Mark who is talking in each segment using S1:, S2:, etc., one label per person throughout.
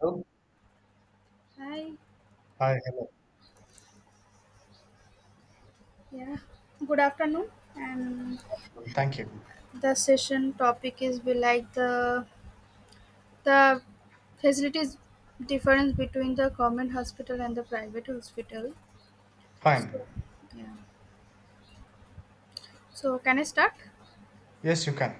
S1: Hello?
S2: Hi,
S1: Hi, hello.
S2: yeah, good afternoon. And
S1: Thank you.
S2: the session topic is be like the facilities difference between the government hospital and the private hospital.
S1: Fine.
S2: So, yeah. So can I start?
S1: Yes, you can.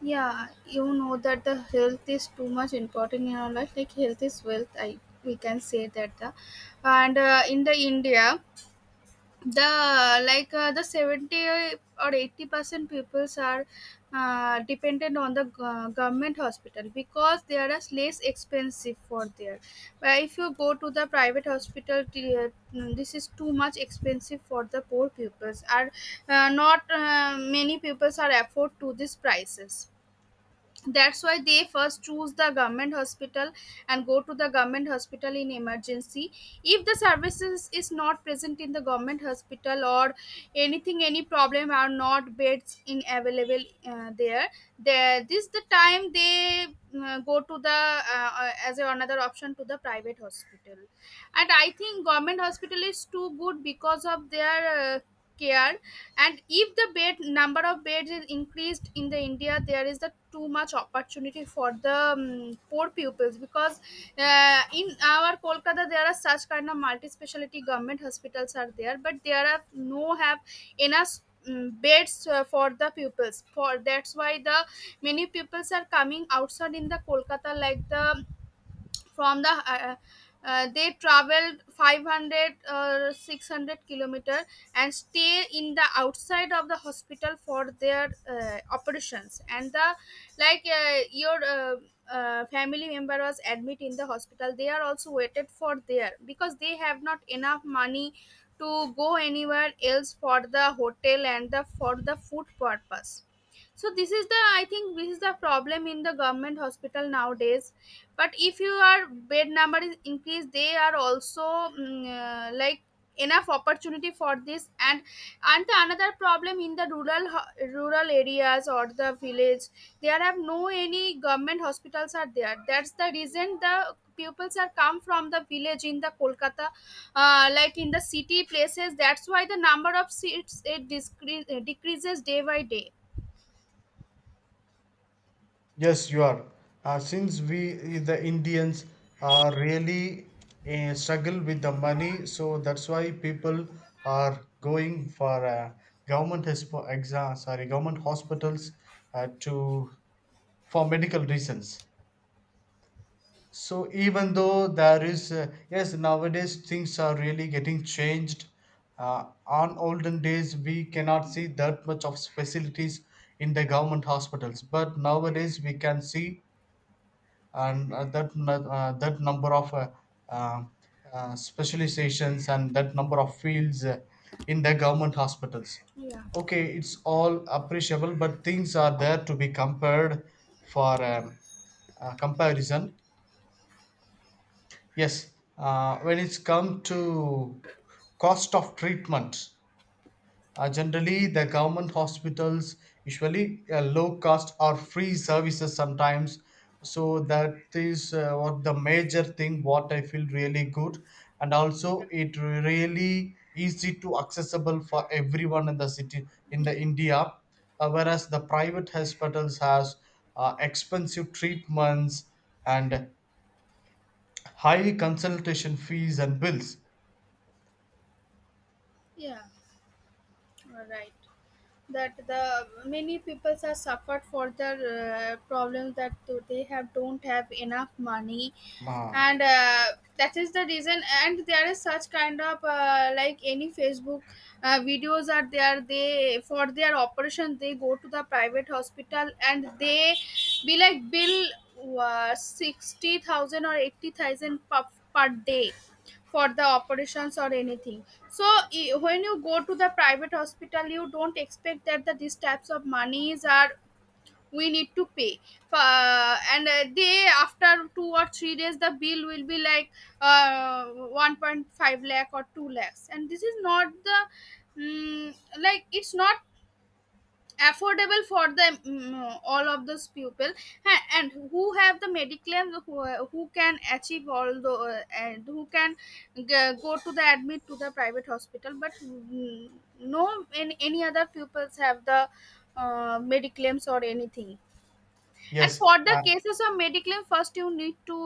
S2: Yeah, you know that the health is too much important in our life. Like health is wealth. I We can say that the, and in the India. The like the 70 or 80% peoples are dependent on the government hospital because they are as less expensive for there. But if you go to the private hospital this is too much expensive for the poor peoples are not many peoples are afford to these prices. That's why they first choose the government hospital and go to the government hospital in emergency, if the services is not present in the government hospital or anything, any problem, are not beds in available there. This the time they go to the as a, another option to the private hospital. And I think government hospital is too good because of their care. And if the bed number of beds is increased in the India, there is the too much opportunity for the poor pupils. Because in our Kolkata there are such kind of multi speciality government hospitals are there, but there are no have enough beds for the pupils, for that's why the many pupils are coming outside in the Kolkata like the from the they traveled 500 600 kilometer and stay in the outside of the hospital for their operations and the like your family member was admit in the hospital, they are also waited for there because they have not enough money to go anywhere else for the hotel and the for the food purpose. So this is the I think this is the problem in the government hospital nowadays. But if your bed number is increased, they are also like enough opportunity for this. And the another problem in the rural rural areas or the village, there have no any government hospitals are there. That's the reason the pupils are come from the village in the Kolkata, like in the city places. That's why the number of seats it decreases day by day.
S1: Yes, you are. Since we, the Indians, are really struggle with the money, so that's why people are going for government exam, sorry, government hospitals to for medical reasons. So even though there is, yes, nowadays things are really getting changed. On olden days, we cannot see that much of facilities in the government hospitals, but nowadays we can see and that that number of uh, specializations and that number of fields in the government hospitals.
S2: Yeah.
S1: Okay, it's all appreciable, but things are there to be compared for comparison. Yes, when it's come to cost of treatment, generally the government hospitals usually low cost or free services sometimes. So that is what the major thing. What I feel really good, and also it really easy to accessible for everyone in the city in the India. Whereas the private hospitals has expensive treatments and high consultation fees and bills.
S2: Yeah, you are right. That the many people are suffered for their problems that they have don't have enough money,
S1: Ma,
S2: and that is the reason. And there is such kind of like any Facebook videos are there. They for their operation they go to the private hospital and they be like bill 60,000 or 80,000 per day for the operations or anything. So when you go to the private hospital you don't expect that the, these types of monies are we need to pay. And they after 2 or 3 days the bill will be like 1.5 lakh or 2 lakhs. And this is not the like it's not affordable for the all of those people. And who have the mediclaim, who can achieve all the and who can g- go to the admit to the private hospital. But no in any other pupils have the mediclaims or anything. And
S1: yes,
S2: for the cases of Mediclaim, first you need to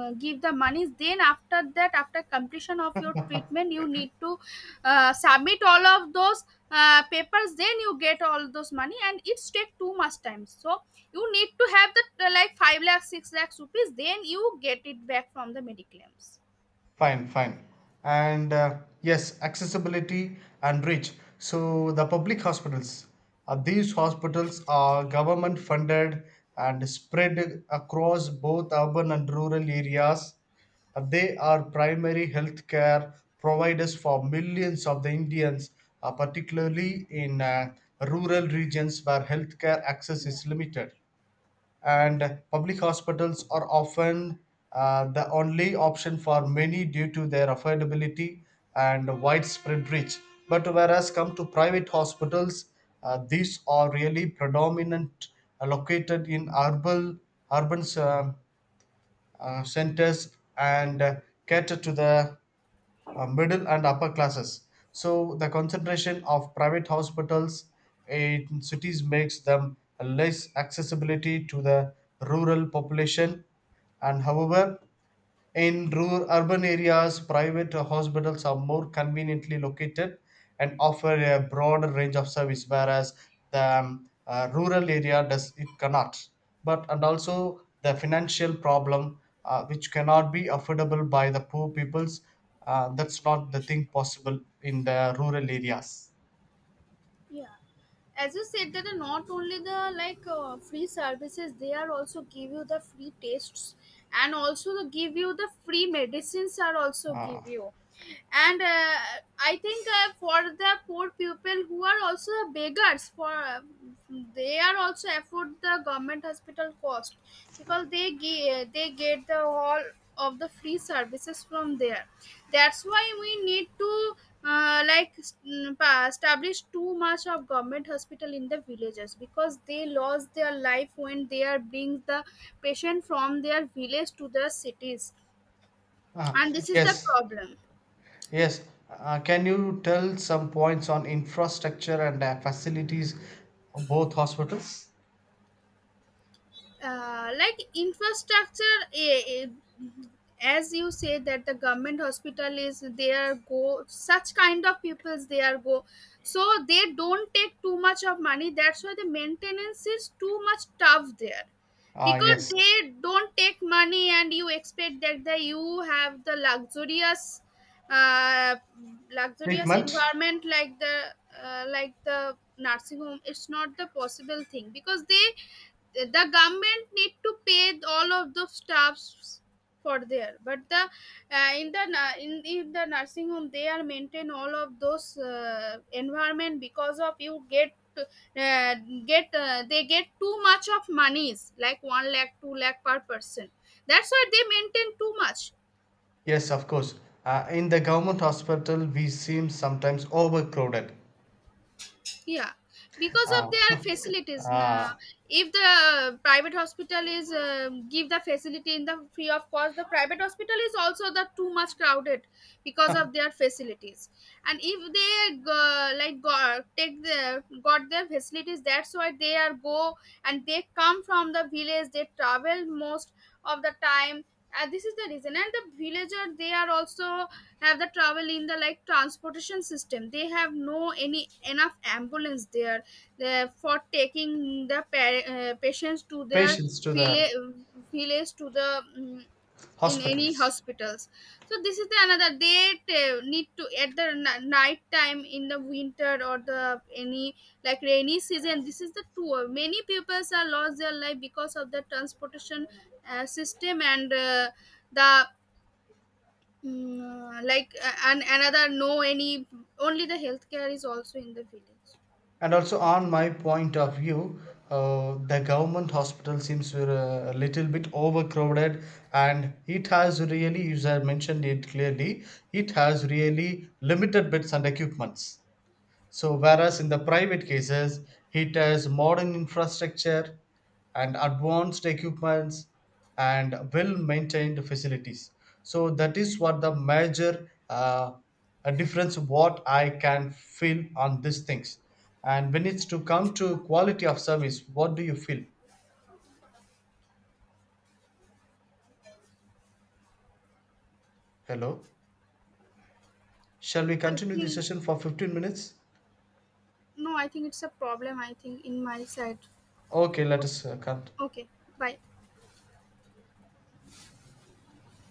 S2: give the monies. Then after that, after completion of your treatment, you need to submit all of those papers. Then you get all those money, and it's take too much time. So you need to have the like 5 lakhs, 6 lakhs rupees. Then you get it back from the Mediclaims.
S1: fine, fine. And yes, accessibility and reach. So the public hospitals, these hospitals are government funded and spread across both urban and rural areas. They are primary health care providers for millions of the Indians, particularly in rural regions where healthcare access
S2: Yeah.
S1: is limited. And public hospitals are often the only option for many due to their affordability and widespread reach. But whereas come to private hospitals, these are really predominant located in urban centers and cater to the middle and upper classes. So the concentration of private hospitals in cities makes them less accessibility to the rural population. And however, in rural urban areas, private hospitals are more conveniently located and offer a broader range of service, whereas the rural area does it cannot. But and also the financial problem, which cannot be affordable by the poor peoples, that's not the thing possible in the rural areas.
S2: Yeah, as you said that not only the like free services, they are also give you the free tests, and also the give you the free medicines are also
S1: Uh,
S2: give you. And I think for the poor people who are also beggars for they are also afford the government hospital cost, because they get the all of the free services from there. That's why we need to uh, like established too much of government hospital in the villages, because they lost their life when they are bring the patient from their village to the cities.
S1: uh,
S2: And this is the
S1: yes,
S2: problem.
S1: yes. Can you tell some points on infrastructure and facilities of both hospitals?
S2: Like infrastructure, as you say that the government hospital is there, go such kind of peoples they are go. So they don't take too much of money, that's why the maintenance is too much tough there.
S1: Ah,
S2: Because
S1: yes.
S2: they don't take money and you expect that the, you have the luxurious uh, luxurious
S1: Treatment?
S2: environment like the nursing home, it's not the possible thing. Because they the government need to pay all of the staffs for there. But the in the nursing home they are maintain all of those environment because of you get uh, they get too much of monies like 1 lakh 2 lakh per person. That's why they maintain too much.
S1: Yes, of course. In the government hospital, we seem sometimes overcrowded.
S2: Yeah. Because of
S1: Uh,
S2: their facilities.
S1: uh,
S2: If the private hospital is give the facility in the free of cost, the private hospital is also the too much crowded because of their facilities. And if they like take the got their facilities, that's why they are go. And they come from the village, they travel most of the time. And this is the reason. And the villager they are also have the travel in the like transportation system, they have no any enough ambulance there for taking the patients to their
S1: Patients to the
S2: village, village to the in any
S1: hospitals.
S2: hospitals. So this is the another they need to at the night time in the winter or the any like rainy season. This is the tour many peoples are lost their life because of the transportation system. And the like and another no any only the healthcare is also in the village.
S1: And also, on my point of view, the government hospital seems we're a little bit overcrowded, and it has really, as I mentioned it clearly, it has really limited beds and equipments. So, whereas in the private cases, it has modern infrastructure and advanced equipments and well maintained facilities. So, that is what the major a difference what I can feel on these things. And when it's to come to quality of service, what do you feel? Hello? Shall we
S2: I
S1: continue the
S2: think
S1: session for 15 minutes?
S2: no I think it's a problem I think in my side.
S1: Okay, let
S2: Okay.
S1: us cut.
S2: Okay. Bye.